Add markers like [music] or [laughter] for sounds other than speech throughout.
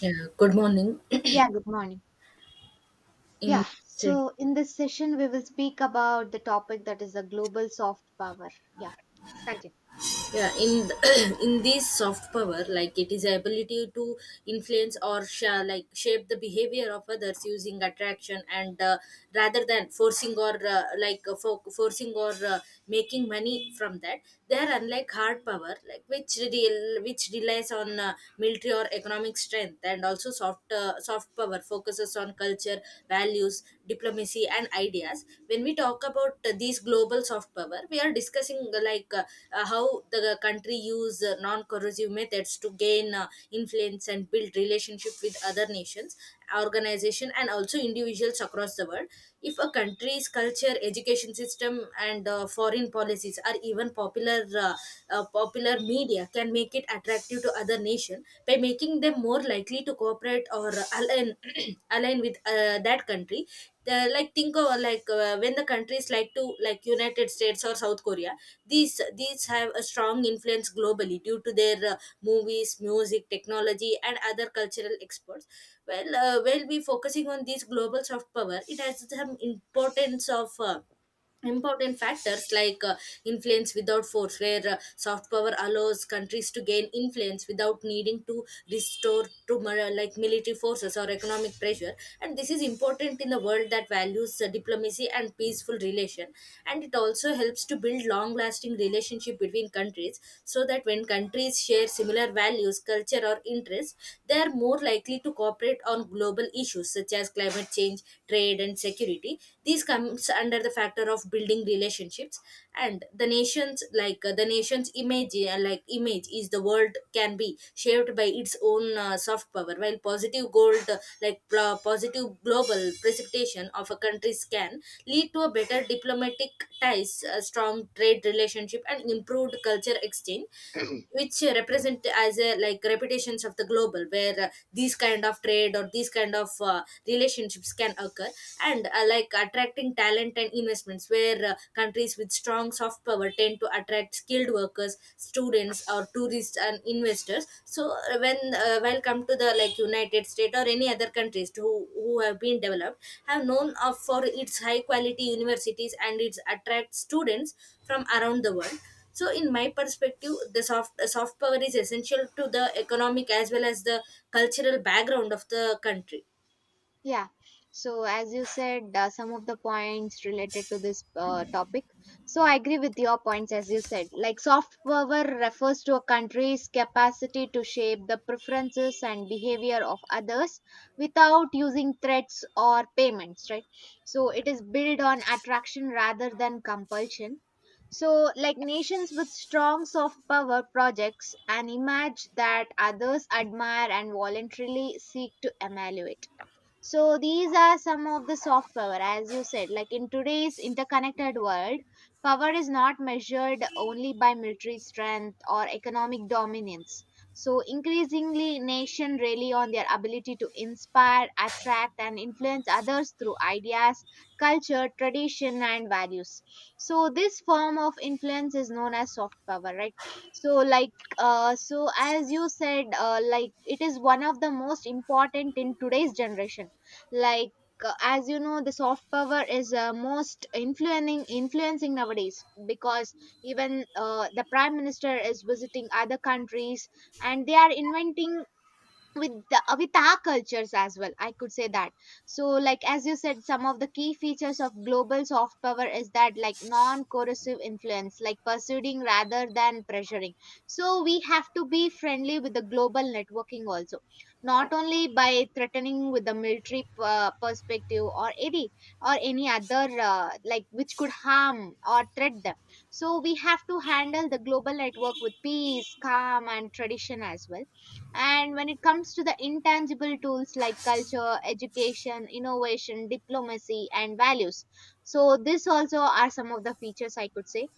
Yeah, good morning. [clears throat] Yeah, good morning. In Yeah, say- so in this session, we will speak about the topic that is the global soft power. Yeah, continue. yeah, in [clears throat] in this soft power, like it is ability to influence or shape the behavior of others using attraction, and rather than forcing or forcing or making money from that. They are unlike hard power, like which relies on military or economic strength, and also soft power focuses on culture, values, diplomacy and ideas. When we talk about these global soft power, we are discussing how the country use non-corrosive methods to gain influence and build relationship with other nations, organization and also individuals across the world. If a country's culture, education system and foreign policies are even popular, media can make it attractive due to other nation by making them more likely to cooperate or align [clears throat] align with that country. The, like think of when the countries like United States or South Korea. These have a strong influence globally due to their movies, music, technology and other cultural exports. Well, we'll be focusing on these global soft power. It has some importance of important factors like influence without force, where soft power allows countries to gain influence without needing to restore to military forces or economic pressure, and this is important in the world that values diplomacy and peaceful relation. And it also helps to build long lasting relationship between countries, so that when countries share similar values, culture or interests, they are more likely to cooperate on global issues such as climate change, trade and security. These comes under the factor of building relationships. And the nation's image is the world can be shaped by its own soft power. While positive gold like pl- positive global precipitation of a country's can lead to a better diplomatic ties, a strong trade relationship and improved culture exchange, which represent as a like reputations of the global where these kind of trade or these kind of relationships can occur. And attracting talent and investments, where countries with strong soft power tend to attract skilled workers, students or tourists and investors. So when while come to the like United States or any other countries who have been developed, have known of for its high quality universities and its attracts students from around the world. So in my perspective, the soft power is essential to the economic as well as the cultural background of the country. Yeah. So, as you said, some of the points related to this topic. So, I agree with your points, as you said. Like, soft power refers to a country's capacity to shape the preferences and behavior of others without using threats or payments, right? So, it is built on attraction rather than compulsion. So, like nations with strong soft power projects an image that others admire and voluntarily seek to emulate, so these are some of the soft power, as you said. Like in today's interconnected world, power is not measured only by military strength or economic dominance. So increasingly, nations rely on their ability to inspire, attract, and influence others through ideas, culture, tradition, and values. So this form of influence is known as soft power, right? So like, so as you said, like it is one of the most important in today's generation. Like, as you know, the soft power is most influencing nowadays, because even the prime minister is visiting other countries and they are inventing with with our cultures as well, I could say that. So like as you said, some of the key features of global soft power is that like non corrosive influence, like persuading rather than pressuring. So we have to be friendly with the global networking also, not only by threatening with the military perspective, or any other like which could harm or threat them. So we have to handle the global network with peace, calm, and tradition as well. And when it comes to the intangible tools like culture, education, innovation, diplomacy, and values, so this also are some of the features I could say.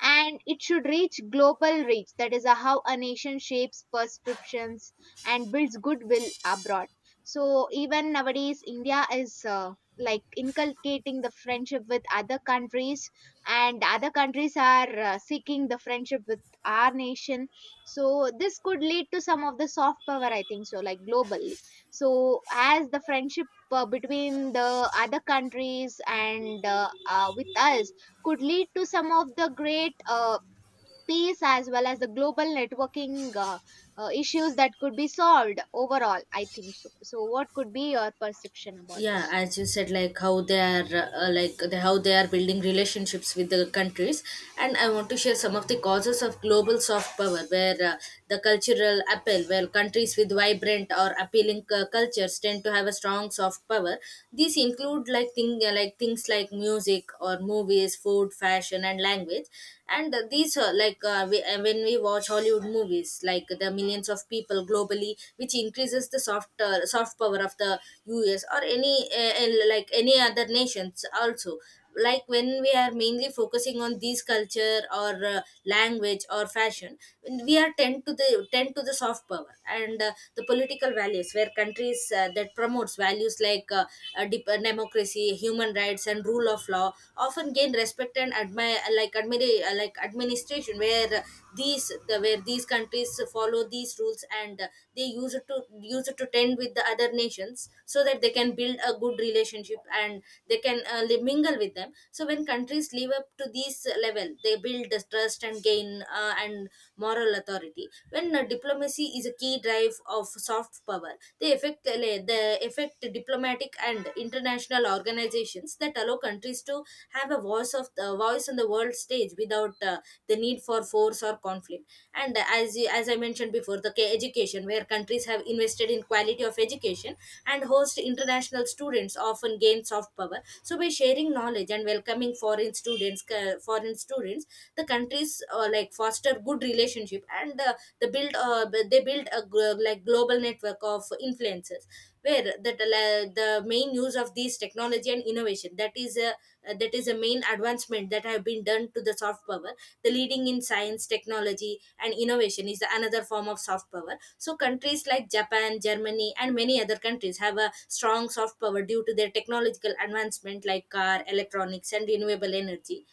And it should reach global reach, that is how a nation shapes perceptions and builds goodwill abroad. So even nowadays India is, like, inculcating the friendship with other countries, and other countries are seeking the friendship with our nation. So this could lead to some of the soft power, I think, so like globally. So as the friendship between the other countries and with us could lead to some of the great peace as well as the global networking, issues that could be solved overall, I think so. So what could be your perception about Yeah, this? as you said, like how they are how they are building relationships with the countries. And I want to share some of the causes of global soft power, where the cultural appeal, where countries with vibrant or appealing cultures tend to have a strong soft power. These include like things like music or movies, food, fashion and language. And these like we, when we watch Hollywood movies, like the millions of people globally, which increases the soft power of the US or any other nations also. Like when we are mainly focusing on these culture or language or fashion, we are tend to the soft power. And the political values, where countries that promotes values like democracy, human rights, and rule of law often gain respect and admire like admira- like administration, where where these countries follow these rules and they use it to tend with the other nations so that they can build a good relationship and they can mingle with them. So when countries live up to this level, they build the trust and gain and moral authority. When diplomacy is a key drive of soft power of power, they affect diplomatic and international organizations that allow countries to have a voice on the world stage without the need for force or conflict. And as I mentioned before, education, where countries have invested in quality of education and host international students often gain soft power. So by sharing knowledge and welcoming foreign students, the countries foster good relationship and they build a global network of influencers, where that the main use of these technology and innovation, that is a main advancement that have been done to the soft power. The leading in science, technology and innovation is the another form of soft power. So countries like Japan, Germany and many other countries have a strong soft power due to their technological advancement like car, electronics and renewable energy.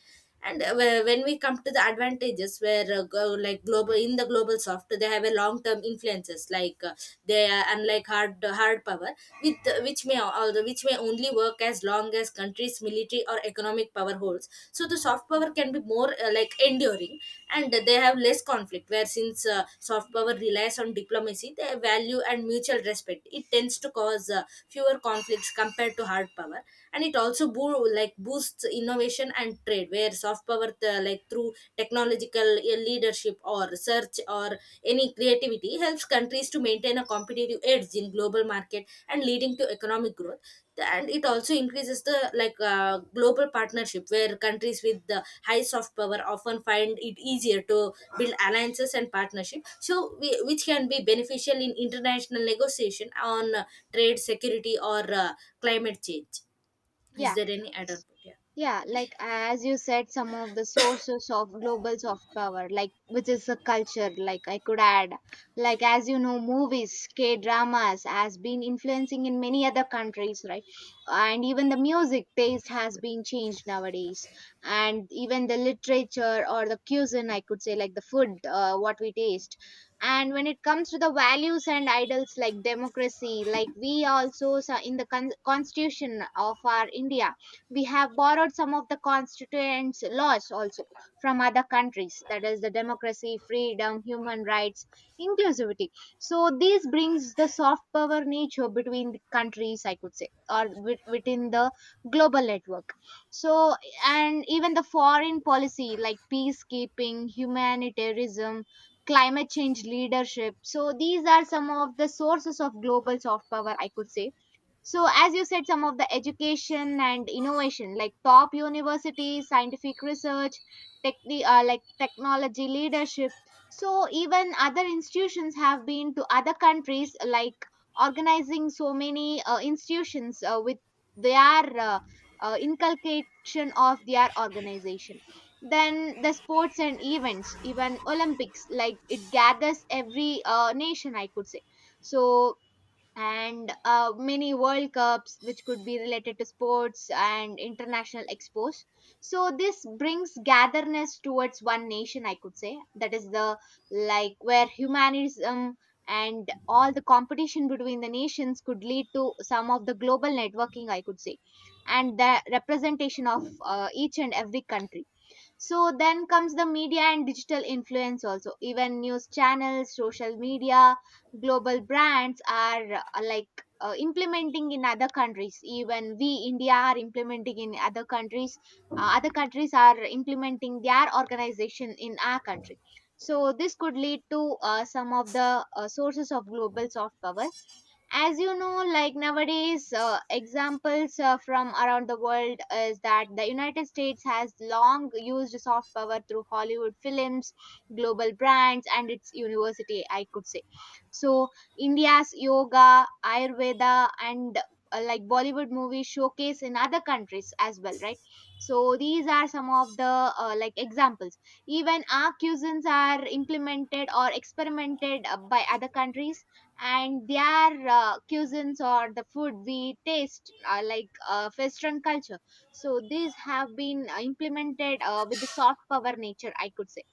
And when we come to the advantages, where go, like global in the global soft, they have a long term influences, like they are unlike hard power, with which may al- which may only work as long as countries military or economic power holds. So the soft power can be more enduring. And they have less conflict, where since soft power relies on diplomacy, their value and mutual respect, it tends to cause fewer conflicts compared to hard power. And it also boosts innovation and trade, where soft power, through technological leadership or research or any creativity, helps countries to maintain a competitive edge in global market and leading to economic growth. And it also increases the global partnership, where countries with the high soft power often find it easier to build alliances and partnership, which can be beneficial in international negotiation on trade, security or climate change. Is Yeah. there any add-on? Yeah. Yeah, like as you said, some of the sources of global soft power, like which is a culture, like I could add, like as you know, movies, K dramas has been influencing in many other countries, right? And even the music taste has been changed nowadays, and even the literature or the cuisine, I could say, like the food, what we taste. And when it comes to the values and idols like democracy, like we also in the constitution of our India, we have borrowed some of the constituents laws also from other countries, that is the democracy, freedom, human rights, inclusivity. So this brings the soft power nature between the countries, I could say, or within the global network. So, and even the foreign policy like peacekeeping, humanitarianism, climate change leadership, so these are some of the sources of global soft power, I could say. So, as you said, some of the education and innovation, like top universities, scientific research, like technology leadership. So, even other institutions have been to other countries, like organizing so many institutions with their uh, inculcation of their organization. Then the sports and events, even Olympics, like it gathers every nation, I could say. So, and many World Cups, which could be related to sports and international expos. So this brings gatherness towards one nation, I could say. That is the like where humanism and all the competition between the nations could lead to some of the global networking, I could say, and the representation of each and every country. So then comes the media and digital influence also. Even news channels, social media, global brands are like implementing in other countries. Even we, India, are implementing in other countries. Other countries are implementing their organization in our country. So this could lead to some of the sources of global soft power. As you know, like nowadays, examples from around the world is that the United States has long used soft power through Hollywood films, global brands, and its university, I could say. So India's yoga, ayurveda, and like Bollywood movies showcase in other countries as well, right? So these are some of the like examples. Even our cuisines are implemented or experimented by other countries, and their cuisines or the food we taste, like western culture. So these have been implemented with the soft power nature, I could say.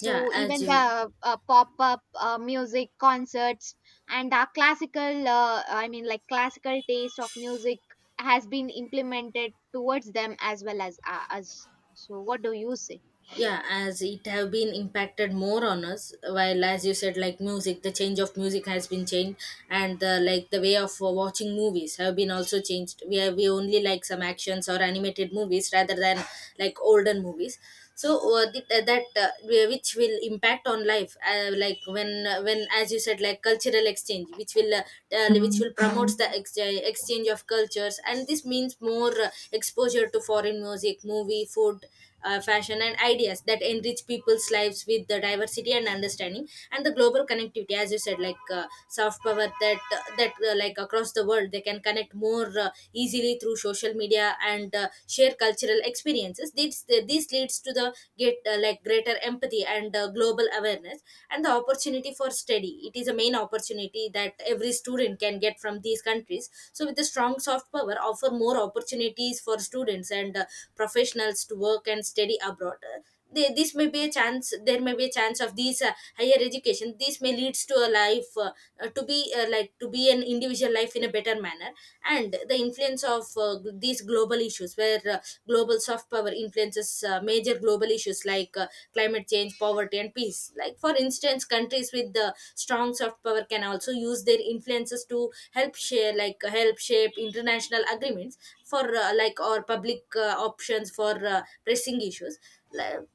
Yeah. As even you the pop-up music concerts and our classical, I mean like classical taste of music has been implemented towards them as well as us. So what do you say? yeah, as it have been impacted more on us, while as you said, like music, the change of music has been changed, and the like the way of watching movies have been also changed. We only like some actions or animated movies rather than like olden movies. So which will impact on life, when, as you said, like cultural exchange, which Mm, will promotes the mm. Exchange of cultures. And this means more exposure to foreign music, movie, food, fashion and ideas that enrich people's lives with the diversity and understanding. And the global connectivity, as you said, like soft power, that across the world, they can connect more easily through social media and share cultural experiences. This leads to the get greater empathy and global awareness. And the opportunity for study, it is a main opportunity that every student can get from these countries. So with the strong soft power, offer more opportunities for students and professionals to work and study abroad. This may be a chance. There may be a chance of these higher education. This may leads to a life to be like to be an individual life in a better manner. And the influence of these global issues, where global soft power influences major global issues like climate change, poverty and peace. Like for instance, countries with the strong soft power can also use their influences to help share like help shape international agreements for or public options for pressing issues. Like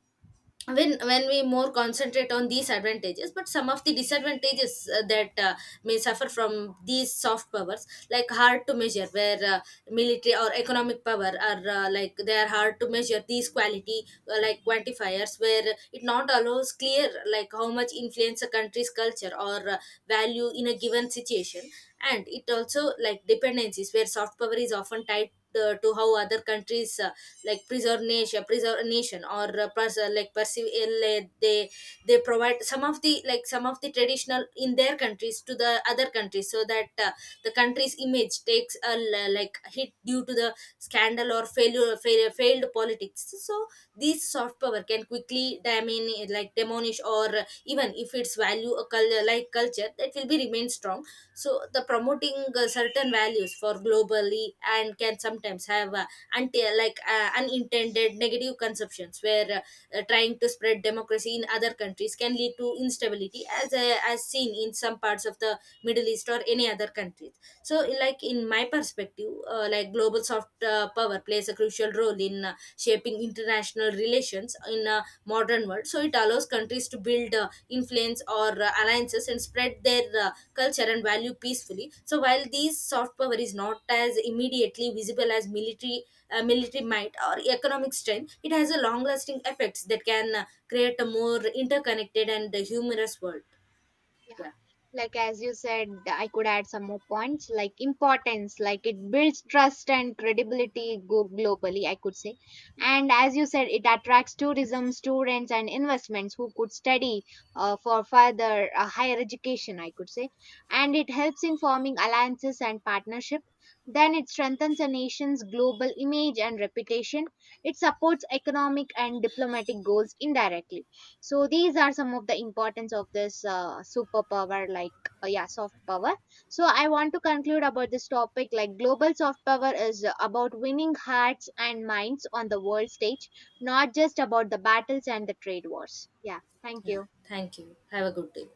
when we more concentrate on these advantages, but some of the disadvantages that may suffer from these soft powers, like hard to measure, where military or economic power are they are hard to measure these quality like quantifiers, where it not allows clear like how much influence a country's culture or value in a given situation. And it also like dependencies, where soft power is often tied to how other countries like preservation preservation or pers- like perceive. They provide some of the like some of the traditional in their countries to the other countries, so that the country's image takes a hit due to the scandal or failure, failed politics. So this soft power can quickly diminish, or even if its value a culture, that will be remain strong. So the promoting certain values for globally and can sometimes have and like unintended negative conceptions, where trying to spread democracy in other countries can lead to instability, as seen in some parts of the Middle East or any other countries. So like in my perspective, global soft power plays a crucial role in shaping international relations in a modern world. So it allows countries to build influence or alliances and spread their culture and value peacefully. So while these soft power is not as immediately visible as military might or economic strength, it has a long lasting effects that can create a more interconnected and humorous world. Yeah, Yeah. like as you said, I could add some more points like importance, like it builds trust and credibility globally, I could say. And as you said, it attracts tourism, students, and investments who could study for further higher education, I could say. And it helps in forming alliances and partnership. Then it strengthens a nation's global image and reputation. It supports economic and diplomatic goals indirectly. So these are some of the importance of this superpower, like, yeah, soft power. So I want to conclude about this topic. Like global soft power is about winning hearts and minds on the world stage, not just about the battles and the trade wars. Yeah, thank Yeah, you. thank you. Have a good day.